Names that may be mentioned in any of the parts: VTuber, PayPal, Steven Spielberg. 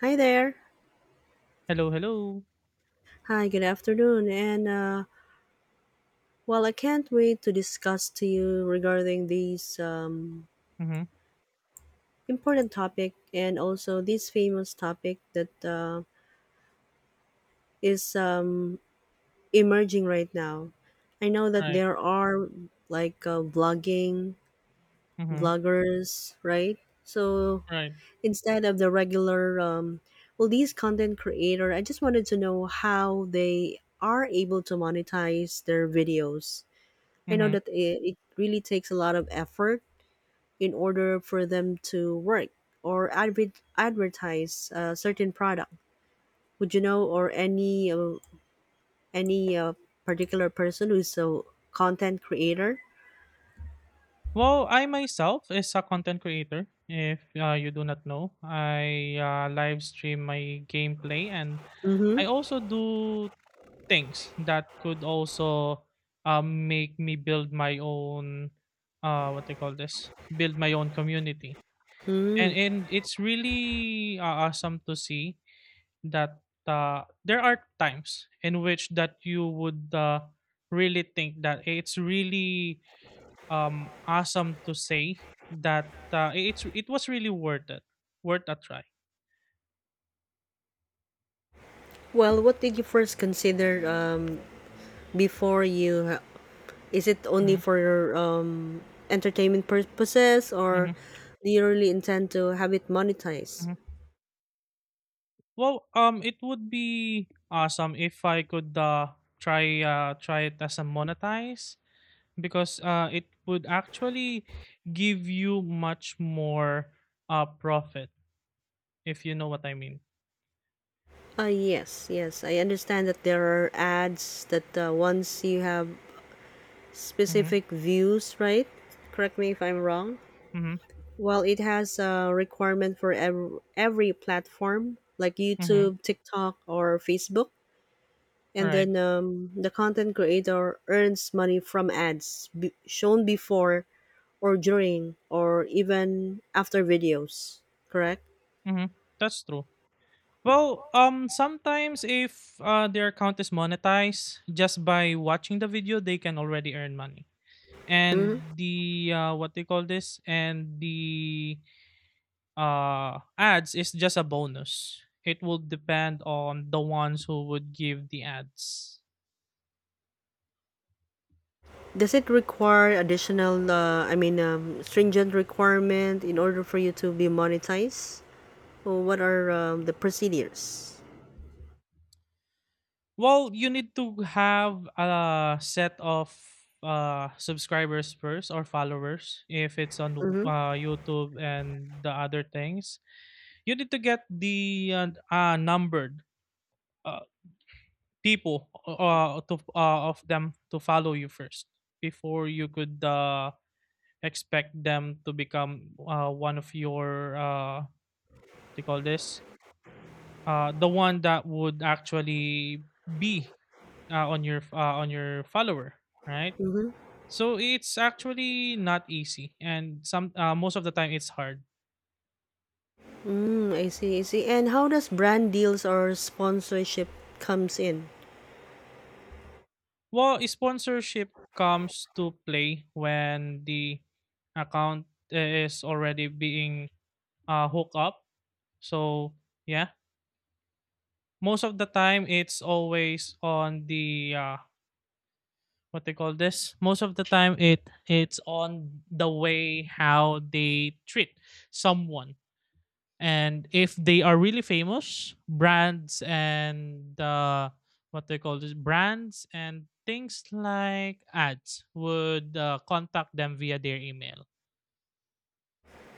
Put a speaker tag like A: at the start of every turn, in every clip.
A: Hi there.
B: Hello, hello.
A: Hi, good afternoon. And I can't wait to discuss to you regarding these
B: Mhm.
A: important topic and also this famous topic that is emerging right now. I know that
B: Right.
A: there are like vlogging
B: Mhm.
A: vloggers, right? So
B: Right.
A: instead of the regular, these content creator, I just wanted to know how they are able to monetize their videos. I know
B: Mhm.
A: that it really takes a lot of effort in order for them to work or advertise a certain product. Would you know or any any particular person who's a content creator?
B: Well, I myself is a content creator. If you do not know, I live stream my gameplay, and
A: Mm-hmm.
B: I also do things that could also make me build my own what they call this, build my own community. and
A: Mm.
B: and it's really awesome to see that there are times in which that you would really think that it's really awesome to say that it was really worth it, worth a try.
A: Well, what did you first consider before you? Is it only
B: hmm
A: for entertainment purposes,
B: hmm
A: or do you really intend to have it monetized?
B: hmm Well, it would be awesome if I could try try it as a monetize, because it would actually give you much more profit, if you know what I mean.
A: Yes, yes. I understand that there are ads that once you have
B: Mm-hmm,
A: specific views, right? Correct me if I'm wrong.
B: mm-hmm,
A: Well, it has a requirement for every platform like
B: mm-hmm.
A: YouTube, TikTok, or Facebook. And
B: Right.
A: then um, the content creator earns money from ads shown before or during or even after videos, correct?
B: Mhm. That's true. Well, sometimes if their account is monetized, just by watching the video, they can already earn money. And the what they call this, and the ads is just a bonus. It will depend on the ones who would give the ads.
A: Does it require additional, I mean, stringent requirement in order for you to be monetized? Or what are the procedures?
B: Well, you need to have a set of subscribers first, or followers if it's on
A: Mm-hmm.
B: YouTube and the other things. You need to get the numbered uh people to of them to follow you first before you could expect them to become one of your they call this, the one that would actually be on your follower, right?
A: Mm-hmm.
B: So it's actually not easy, and some most of the time it's hard.
A: Mm, I see, I see. And how does brand deals or sponsorship comes in?
B: Well, sponsorship comes to play when the account is already being hooked up. So yeah, most of the time it's always on the what they call this. Most of the time it's on the way how they treat someone. And if they are really famous brands and what they call this, brands and things like ads would contact them via their email.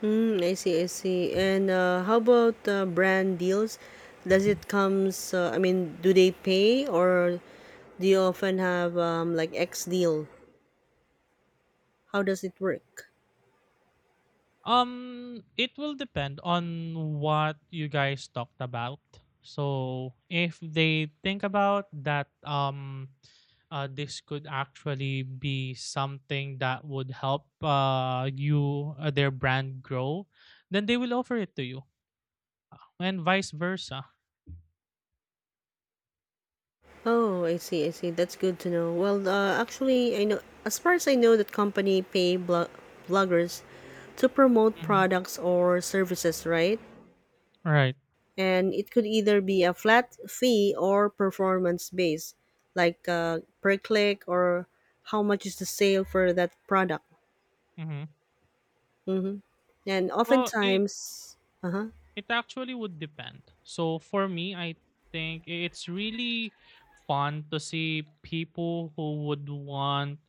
A: Mm, I see, I see. And how about brand deals? Does it comes? I mean, do they pay or do you often have like X deal? How does it work?
B: It will depend on what you guys talked about. So if they think about that, this could actually be something that would help you their brand grow, then they will offer it to you, and vice versa.
A: Oh, I see, I see. That's good to know. Well, actually, I know as far as I know that company pay bloggers to promote
B: Mhm.
A: products or services, right?
B: Right.
A: And it could either be a flat fee or performance based, like per click or how much is the sale for that product.
B: Mhm.
A: And
B: Well, I
A: oftentimes, uh huh.
B: it actually would depend. So for me, I think it's really fun to see people who would want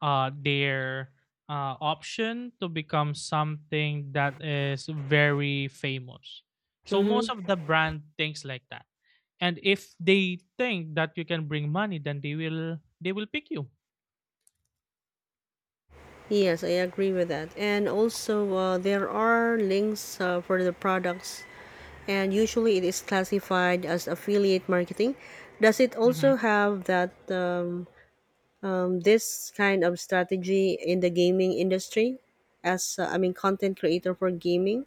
B: their option to become something that is very famous. So
A: Mm-hmm.
B: most of the brand thinks like that. And if they think that you can bring money, then they will pick you.
A: Yes, I agree with that. And also, there are links for the products and usually it is classified as affiliate marketing. Does it
B: Mhm.
A: also have that this kind of strategy in the gaming industry, as I mean, content creator for gaming?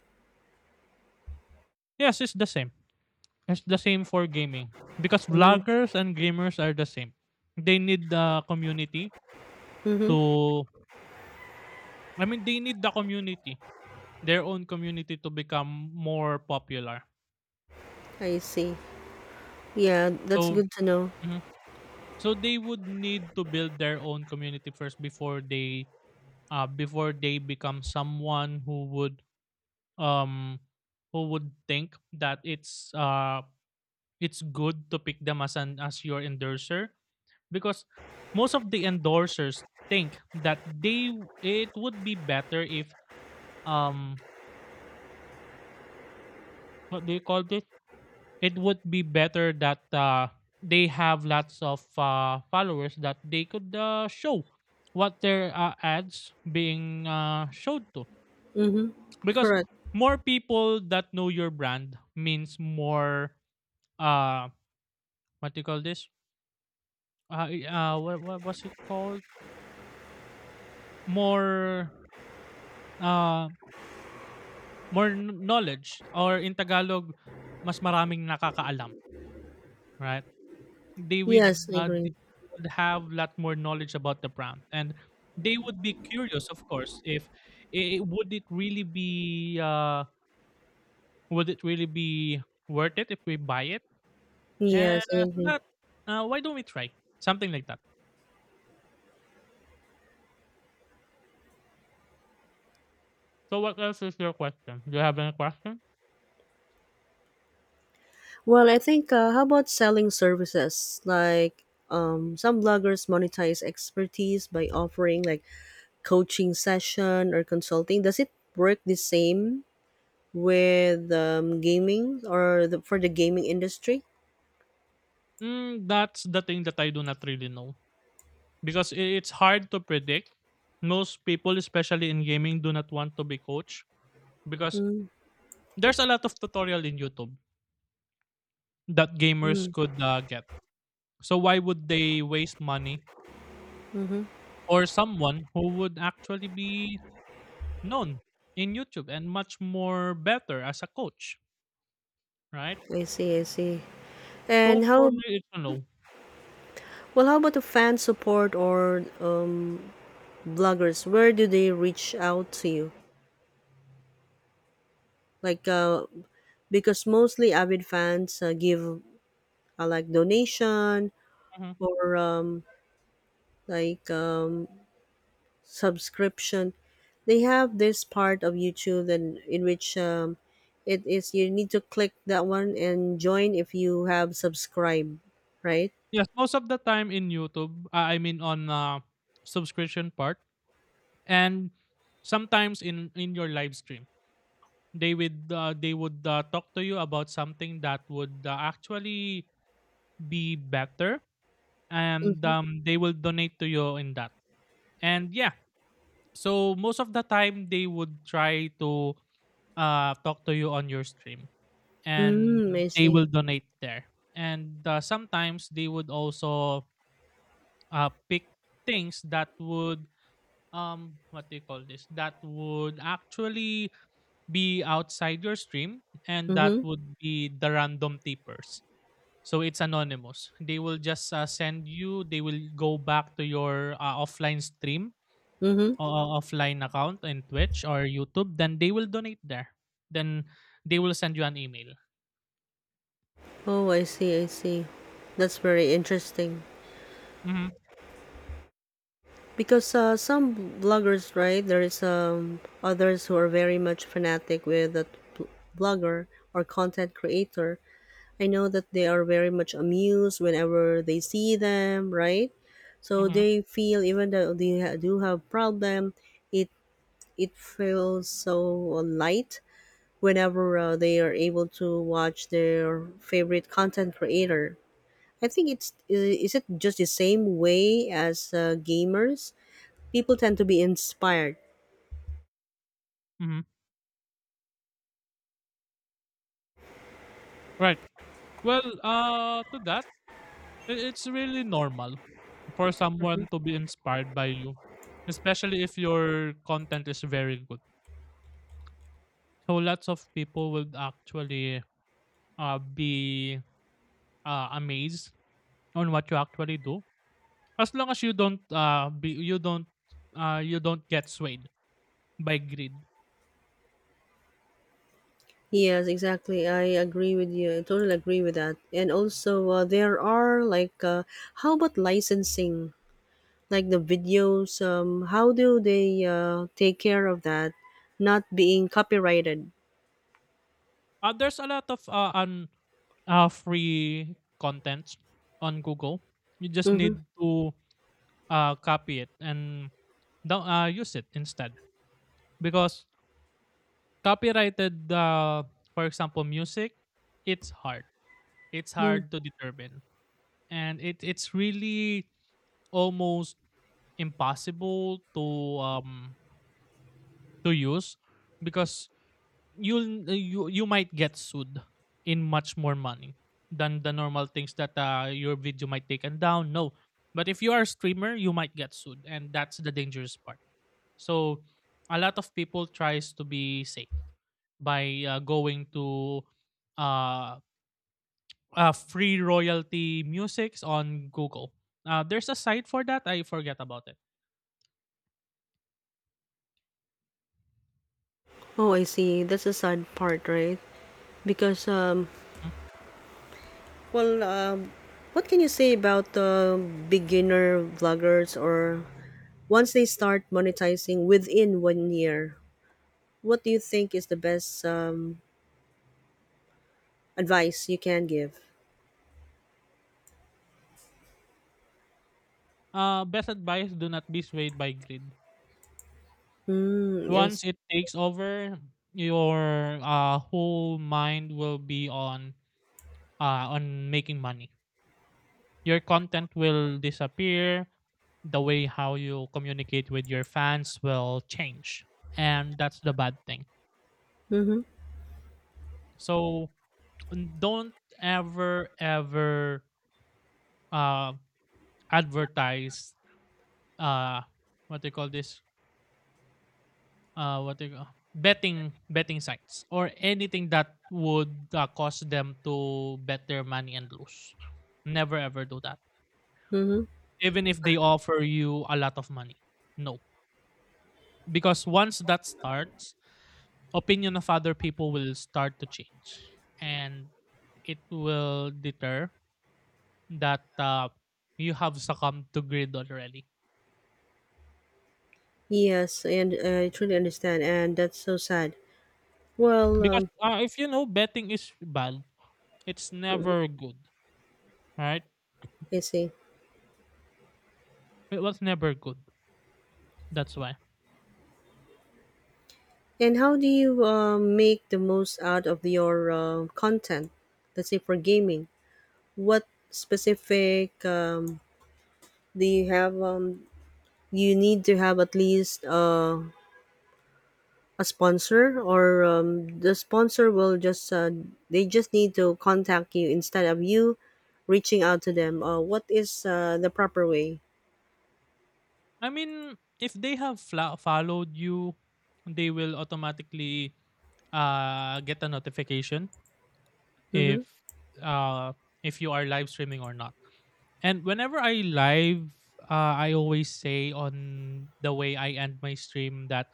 B: Yes, it's the same. It's the same for gaming, because vloggers and gamers are the same. They need the community
A: Mm-hmm.
B: to, I mean, they need the community, their own community, to become more popular.
A: I see. Yeah, that's
B: So,
A: good to know.
B: mhm, so they would need to build their own community first before they become someone um who would think that it's good to pick them as an, as your endorser, because most of the endorsers think that they, it would be better if um what do you call this, it would be better that they have lots of followers that they could show what their ads being showed to,
A: Mm-hmm.
B: because
A: Correct.
B: more people that know your brand means more uh what do you call this, what was it called, more uh more knowledge, or in Tagalog, mas maraming nakakaalam, right? They would
A: Yes, I
B: they
A: agree.
B: would have a lot more knowledge about the brand, and they would be curious, of course, if it, would it really be would it really be worth it if we buy it. And
A: Yes, I
B: so
A: agree.
B: that, why don't we try something like that? So what else is your question? Do you have any question?
A: Well, I think how about selling services? Like some bloggers monetize expertise by offering like coaching session or consulting. Does it work the same with gaming or for the gaming industry?
B: Mm, that's the thing that I do not really know, because it's hard to predict. Most people, especially in gaming, do not want to be coach, because
A: Mm-hmm,
B: there's a lot of tutorial in YouTube that gamers could get. So why would they waste money
A: mm-hmm.
B: or someone who would actually be known in YouTube and much more better as a coach? Right?
A: I see, I see.
B: So
A: And how
B: for me, it's a no.
A: well? How about the fan support or bloggers? Where do they reach out to you? Like, uh, because mostly avid fans give like donation
B: Mhm.
A: for like subscription. They have this part of YouTube and in which it is you need to click that one and join if you have subscribed, right?
B: Yes, most of the time in YouTube, I mean on subscription part, and sometimes in your live stream, they would talk to you about something that would actually be better, and
A: Mm-hmm.
B: they will donate to you in that. And yeah, so most of the time they would try to talk to you on your stream, and
A: Mm, I
B: they
A: see.
B: will donate there. And sometimes they would also pick things that would what do you call this, that would actually be outside your stream, and that
A: Mm-hmm.
B: would be the random tippers. So it's anonymous, they will just send you, they will go back to your offline stream
A: Mm-hmm.
B: or offline account in Twitch or YouTube, then they will donate there, then they will send you an email.
A: Oh, I see. I see. That's very interesting.
B: Mm-hmm.
A: Because some vloggers, right? There is others who are very much fanatic with the blogger or content creator, I know that they are very much amused whenever they see them, right? So
B: Mm-hmm.
A: they feel even though do have problem, it it feels so light whenever they are able to watch their favorite content creator. I think is it just the same way as gamers? People tend to be inspired.
B: Mm-hmm. Right. Well, to that, I, it's really normal for
A: Mhm.
B: someone to be inspired by you, especially if your content is very good. So lots of people will actually be amazed on what you actually do, as long as you don't you don't get swayed by greed.
A: Yes, exactly. I agree with you. I totally agree with that. And also, there are how about licensing? Like the videos, how do they take care of that not being copyrighted.
B: There's a lot of free contents on Google. You just
A: Mm-hmm.
B: need to copy it and use it instead, because copyrighted, for example, music, it's hard. It's
A: Mm.
B: hard to determine. And it's really almost impossible um to use, because you might get sued in much more money than the normal things that your video might taken down, no, but if you are a streamer you might get sued, and that's the dangerous part. So a lot of people tries to be safe by going to uh, free royalty musics on Google. There's a site for that. I forget about it.
A: Oh, I see, that's a sad part, right? Because
B: Mhm.
A: well um, what can you say about the beginner vloggers or once they start monetizing within 1 year, what do you think is the best advice you can give?
B: Best advice: do not be swayed by greed.
A: Mm, I
B: Once
A: see.
B: it takes over, your whole mind will be uh, on making money. Your content will disappear. The way how you communicate with your fans will change. And that's the bad thing.
A: Mm-hmm.
B: So don't ever, ever uh, advertise uh, what they call this? What they call betting sites, or anything that would cause them to bet their money and lose. Never ever do that,
A: Mm-hmm.
B: even if they offer you a lot of money. No, because once that starts, opinion of other people will start to change, and it will deter that you have succumbed to greed already,
A: Yes, and I truly understand and that's so sad. well
B: because
A: um,
B: if you know betting is bad, it's never good, right?
A: I see.
B: It was never good, that's why.
A: And how do you make the most out of your content? Let's say for gaming, what specific do you have? You need to have at least a sponsor, or the sponsor will just they just need to contact you instead of you reaching out to them. What is the proper way?
B: I mean, if they have followed you, they will automatically get a notification
A: Mm-hmm.
B: if uh, if you are live streaming or not. And whenever I live, I always say on the way I end my stream that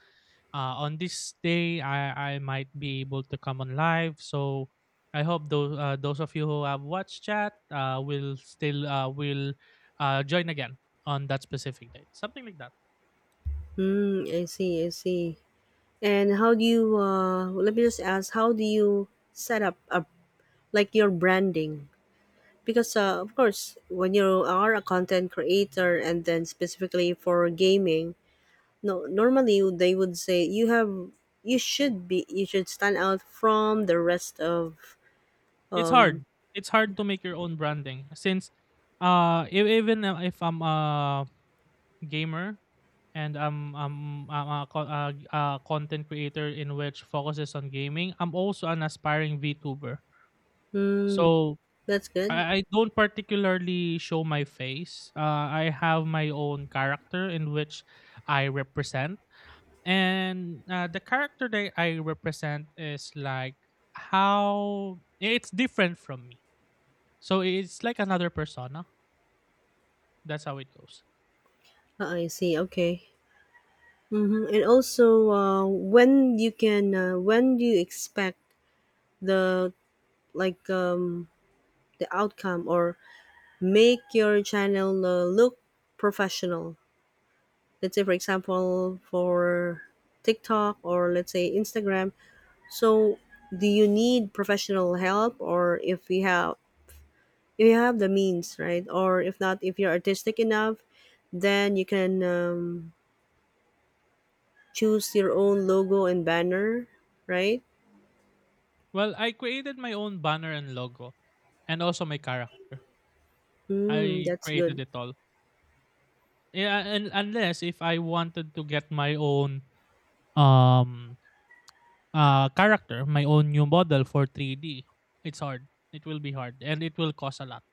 B: on this day I might be able to come on live. So I hope those of you who have watched chat will join again on that specific date. Something like that.
A: Mm, I see, I see. And how do you, let me just ask, how do you set up a like your branding because of course when you are a content creator and then specifically for gaming no normally they would say you have you should stand out from the rest of.
B: It's hard. It's hard to make your own branding, since e- even if I'm gamer and I'm a content creator in which focuses on gaming. I'm also an aspiring VTuber.
A: Hmm,
B: So
A: that's good.
B: I don't particularly show my face. I have my own character in which I represent, and the character that I represent is like how it's different from me. So it's like another persona. That's how it goes.
A: Uh, I see, okay. Mm-hmm. And also when you can when do you expect the like the outcome or make your channel look professional, let's say for example for TikTok or let's say Instagram. So do you need professional help or if you have the means, right? Or if not, if you're artistic enough, then you can choose your own logo and banner, right?
B: Well, I created my own banner and logo, and also my character.
A: Mm,
B: I
A: that's good.
B: created it all. Yeah, and unless if I wanted to get my own um character, my own new model for 3D, it's hard. It will be hard, and it will cost a lot.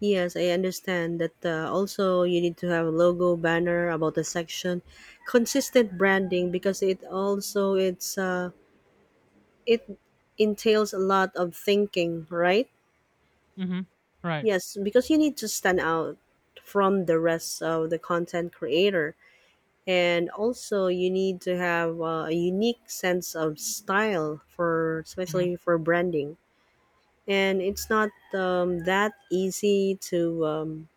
A: Yes, I understand that also you need to have a logo, banner about the section, consistent branding because it also it entails a lot of thinking, right?
B: Mm-hmm. Right.
A: Yes, because you need to stand out from the rest of the content creator. And also, you need to have a unique sense of style for,
B: Mm-hmm.
A: especially for branding. And it's not that easy to,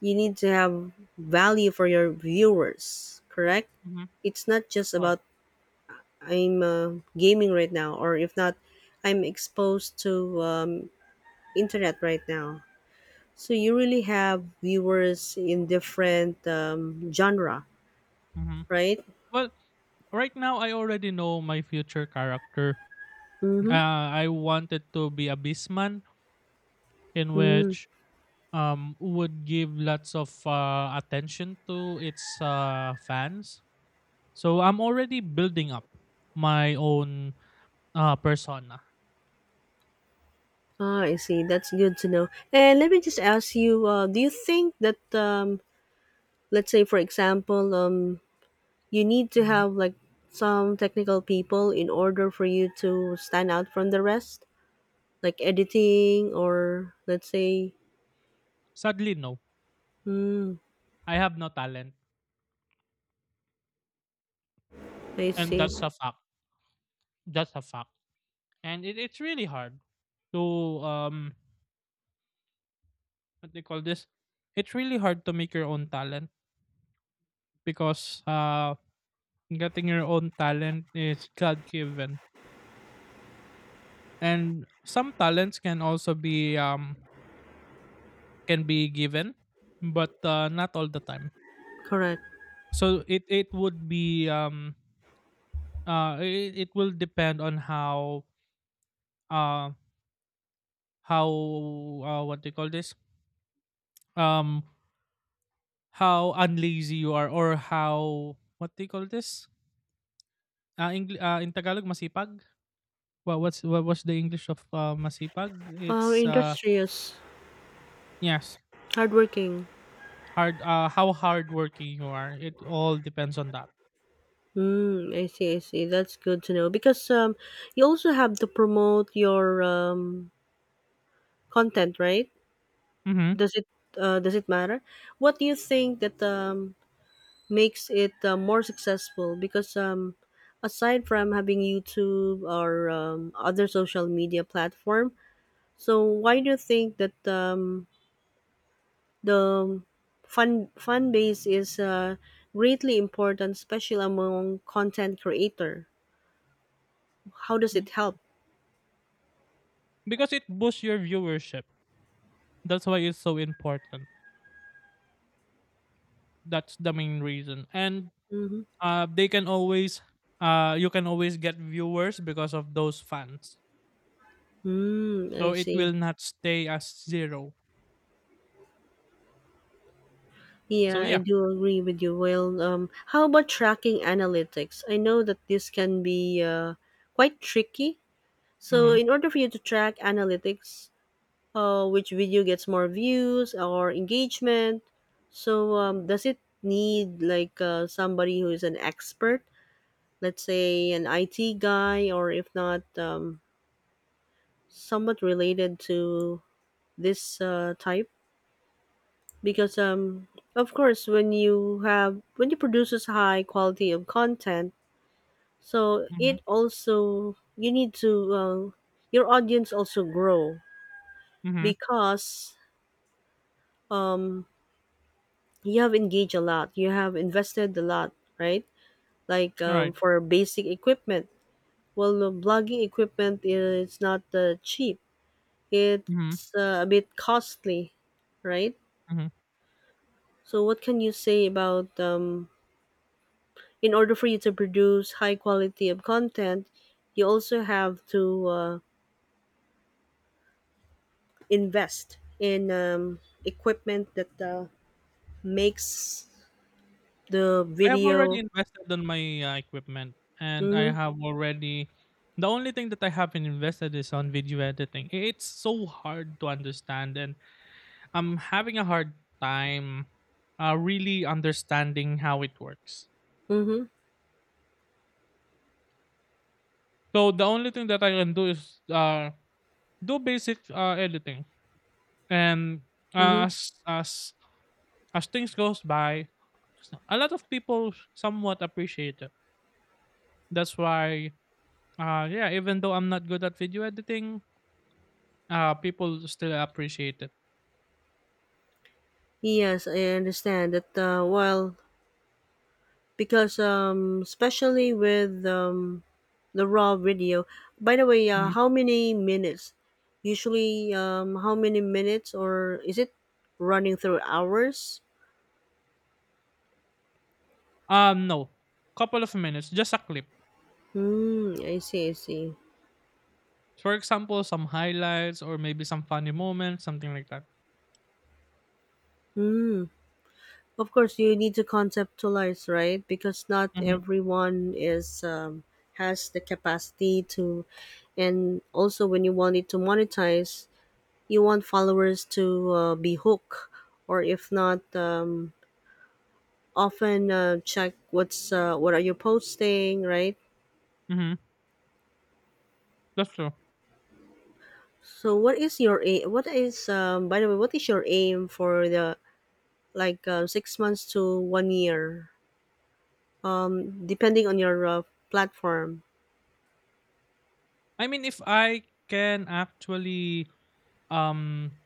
A: you need to have value for your viewers, correct?
B: Mm-hmm.
A: It's not just
B: Right.
A: about I'm gaming right now, or if not, I'm exposed to internet right now. So you really have viewers in different genre,
B: Mm-hmm.
A: right?
B: Well, right now I already know my future character.
A: Mm-hmm.
B: I wanted to be a beastman in
A: Mm-hmm.
B: which would give lots of attention to its fans. So I'm already building up my own persona.
A: Ah, I see. That's good to know. And let me just ask you: do you think that, let's say, for example, you need to
B: Mhm.
A: have like some technical people in order for you to stand out from the rest, like editing or let's say,
B: Sadly, no,
A: mm,
B: I have no talent,
A: I
B: and
A: see,
B: that's a fact. That's a fact, and it's really hard to um what they call this. It's really hard to make your own talent, because getting your own talent is God given, and some talents can also be can be given, but not all the time.
A: correct.
B: So it would be it, it will depend on uh how what do you call this um how unlazy you are, or how, what do you call this, in Tagalog, masipag. What was the English of masipag? It's
A: Industrious,
B: Yes,
A: hardworking.
B: hard how hardworking you are, it all depends on that.
A: Mm, I see, I see. That's good to know because you also have to promote your content, right?
B: Mm-hmm.
A: Does it does it matter? What do you think that makes it more successful? Because aside from having YouTube or other social media platform, so why do you think that the fun fan base is greatly important, especially among content creator? How does
B: Mm.
A: it help?
B: Because it boosts your viewership. That's why it's so important. That's the main reason. And
A: Mm-hmm.
B: they can always you can always get viewers because of those fans,
A: Mm, I
B: so it
A: see.
B: will not stay as zero. So
A: Yeah, I
B: yeah.
A: do agree with you. Well, how about tracking analytics? I know that this can be quite tricky. So,
B: Mm-hmm.
A: in order for you to track analytics, which video gets more views or engagement, so does it need like somebody who is an expert, let's say an IT guy, or if not, somewhat related to this type? Because of course when you have when you produces high quality of content so
B: Mm-hmm.
A: it also you need to your audience also grow
B: Mm-hmm.
A: because um you have engaged a lot you have invested a lot, right? Like
B: All right.
A: for basic equipment, well the blogging equipment is not cheap,
B: Mm-hmm.
A: it's a bit costly, right? So what can you say about in order for you to produce high quality of content, you also have to invest in equipment that makes the
B: I have already
A: video.
B: invested on my equipment, and I
A: Mm-hmm,
B: have already. The only thing that I haven't invested is on video editing. It's so hard to understand, and I'm having a hard time really understanding how it works.
A: mm-hmm,
B: So the only thing that I can do is do basic editing, and
A: mm-hmm.
B: uh, as as as things goes by, a lot of people somewhat appreciate it. That's why, yeah, even though I'm not good at video editing, uh, people still appreciate it.
A: Yes, I understand that. Well, because especially with the raw video. By the way,
B: Mhm.
A: how many minutes? Usually, how many minutes, or is it running through hours?
B: No. Couple of minutes, just a clip.
A: Hmm. I see. I see.
B: For example, some highlights or maybe some funny moments, something like that.
A: Mm. Of course, you need to conceptualize, right? Because not
B: Mm-hmm.
A: everyone is has the capacity to, and also when you want it to monetize, you want followers to be hooked, or if not, often check what's what are you posting, right?
B: Mm-hmm. That's true.
A: So, what is your aim? What is by the way, what is your aim for the like 6 months to 1 year, depending on your platform?
B: I mean, if I can actually, um,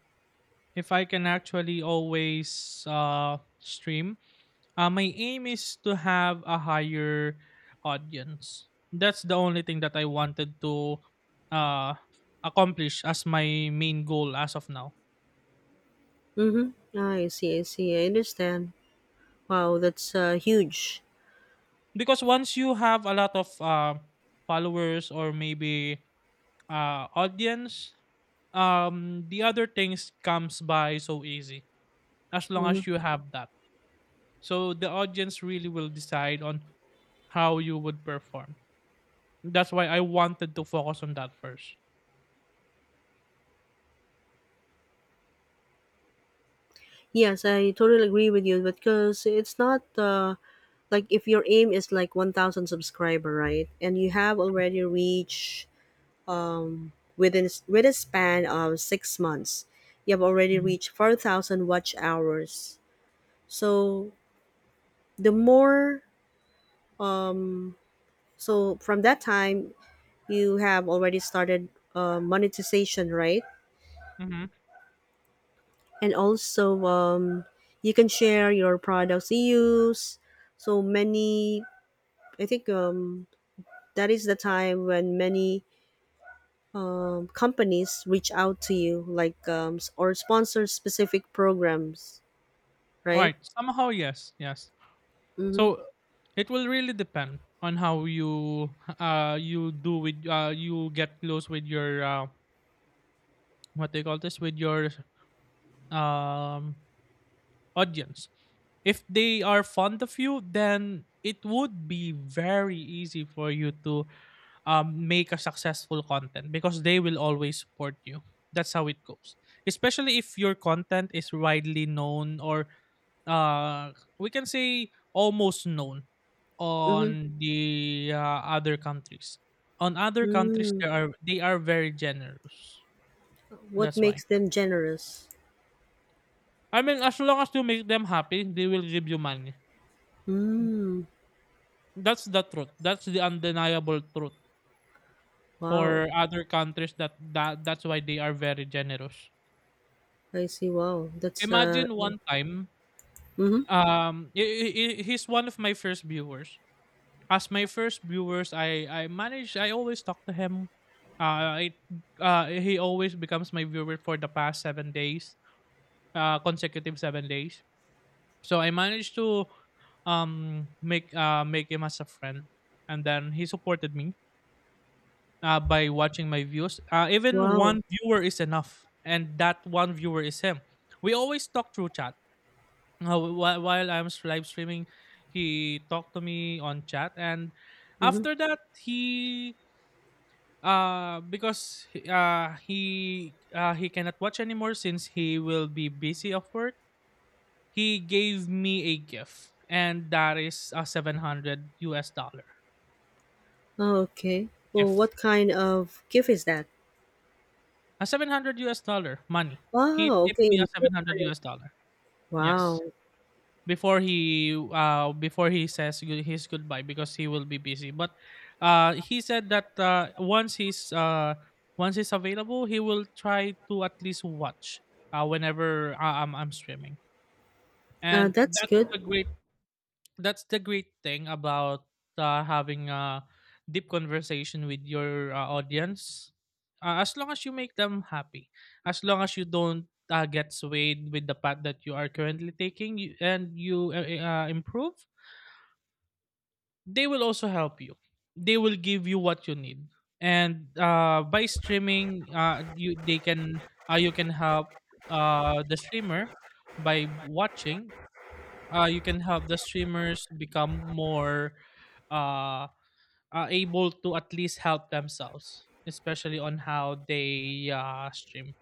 B: if I can actually always stream, my aim is to have a higher audience. That's the only thing that I wanted to uh accomplish as my main goal as of now.
A: Mm-hmm. I see, I see. I understand. Wow, that's huge.
B: Because once you have a lot of followers or maybe audience, the other things comes by so easy as long
A: Hmm.
B: as you have that. So the audience really will decide on how you would perform. That's why I wanted to focus on that first.
A: Yes, I totally agree with you because it's not like if your aim is like 1,000 subscriber, right? And you have already reached within with a span of 6 months, you have already
B: Mhm.
A: reached 4,000 watch hours. So the more, um, so from that time, you have already started monetization, right?
B: Mhm.
A: And also you can share your products you use so many. I think that is the time when many companies reach out to you like or sponsor specific programs, right?
B: Right. Somehow, yes, yes.
A: Mm-hmm.
B: So it will really depend on how you do with you get close with your what they call this, with your um audience. If they are fond of you, then it would be very easy for you to make a successful content because they will always support you. That's how it goes. Especially if your content is widely known, or uh, we can say almost known
A: Mm-hmm.
B: on the other countries. On other countries,
A: Mm.
B: there are they are very generous.
A: What
B: That's
A: makes
B: why.
A: them generous?
B: I mean, as long as you make them happy, they will give you money.
A: Mm.
B: That's the truth. That's the undeniable truth
A: Wow,
B: for other countries. That's why they are very generous.
A: I see, wow, that's uh.
B: Imagine one time.
A: Mm-hmm.
B: Um, i- i- he's one of my first viewers. As my first viewers, I manage. I always talk to him. I he always becomes my viewer for the past 7 days, consecutive 7 days. So I managed to make make him as a friend, and then he supported me by watching my views. Even
A: Wow.
B: one viewer is enough, and that one viewer is him. We always talk through chat. While I'm live streaming, he talked to me on chat, and
A: Mm-hmm.
B: after that he, because he cannot watch anymore since he will be busy of work. He gave me a gift, and that is a $700
A: Oh, okay. Well,
B: gift.
A: what kind of gift is that?
B: A seven hundred US dollar money. He
A: Wow,
B: tipped
A: okay.
B: me a $700. Yes.
A: Wow,
B: Before he his goodbye, because he will be busy, but he said that once he's available, he will try to at least watch whenever I'm streaming. And
A: that's good.
B: that's the great thing about having a deep conversation with your audience. As long as you make them happy, as long as you don't get swayed with the path that you are currently taking you, and you improve, they will also help you. They will give you what you need. And by streaming, you they can you can help the streamer by watching. You can help the streamers become more uh, able to at least help themselves, especially on how they stream.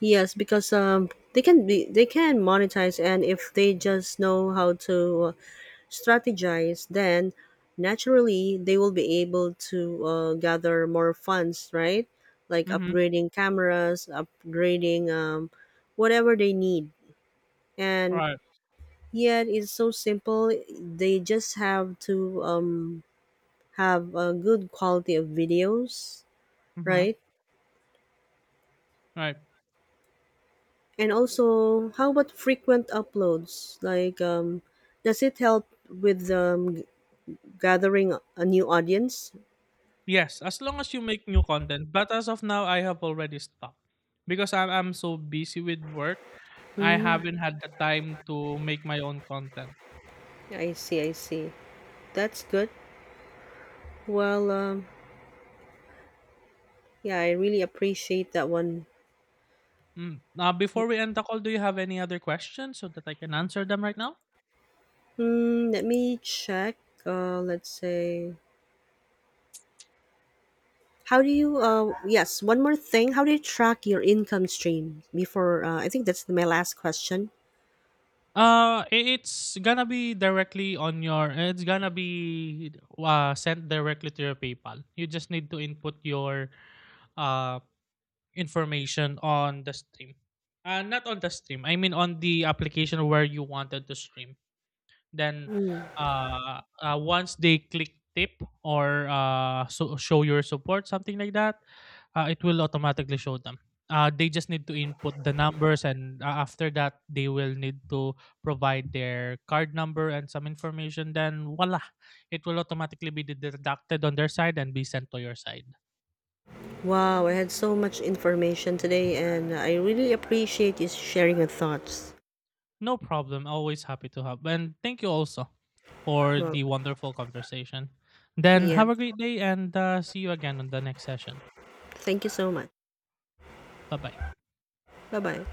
A: Yes, because they can be they can monetize, and if they just know how to strategize, then naturally they will be able to gather more funds, right? Like
B: Mm-hmm.
A: upgrading cameras, upgrading whatever they need, and
B: Right.
A: yet it's so simple. They just have to have a good quality of videos,
B: Mm-hmm.
A: right?
B: Right.
A: And also, how about frequent uploads? Like, does it help with gathering a new audience?
B: Yes, as long as you make new content. But as of now, I have already stopped because I'm so busy with work. I
A: Mm,
B: haven't had the time to make my own content.
A: I see, I see. That's good. Well, yeah, I really appreciate that one.
B: Mm. Now, before we end the call, do you have any other questions so that I can answer them right now?
A: Mm, let me check. Let's say, how do you? Yes, one more thing. How do you track your income stream? Before, I think that's my last question.
B: It's gonna be directly on your. It's gonna be sent directly to your PayPal. You just need to input your uh information on the stream. Not on the stream. I mean on the application where you wanted to stream. Then,
A: Mm.
B: once they click tip or so show your support, something like that, it will automatically show them. They just need to input the numbers, and after that, they will need to provide their card number and some information. Then, voila, it will automatically be deducted on their side and be sent to your side.
A: Wow, I had so much information today, and I really appreciate you sharing your thoughts.
B: No problem. Always happy to help. And thank you also for
A: Well,
B: the wonderful conversation. Then,
A: yeah,
B: have a great day and see you again on the next session.
A: thank you so much.
B: Bye bye.
A: Bye bye.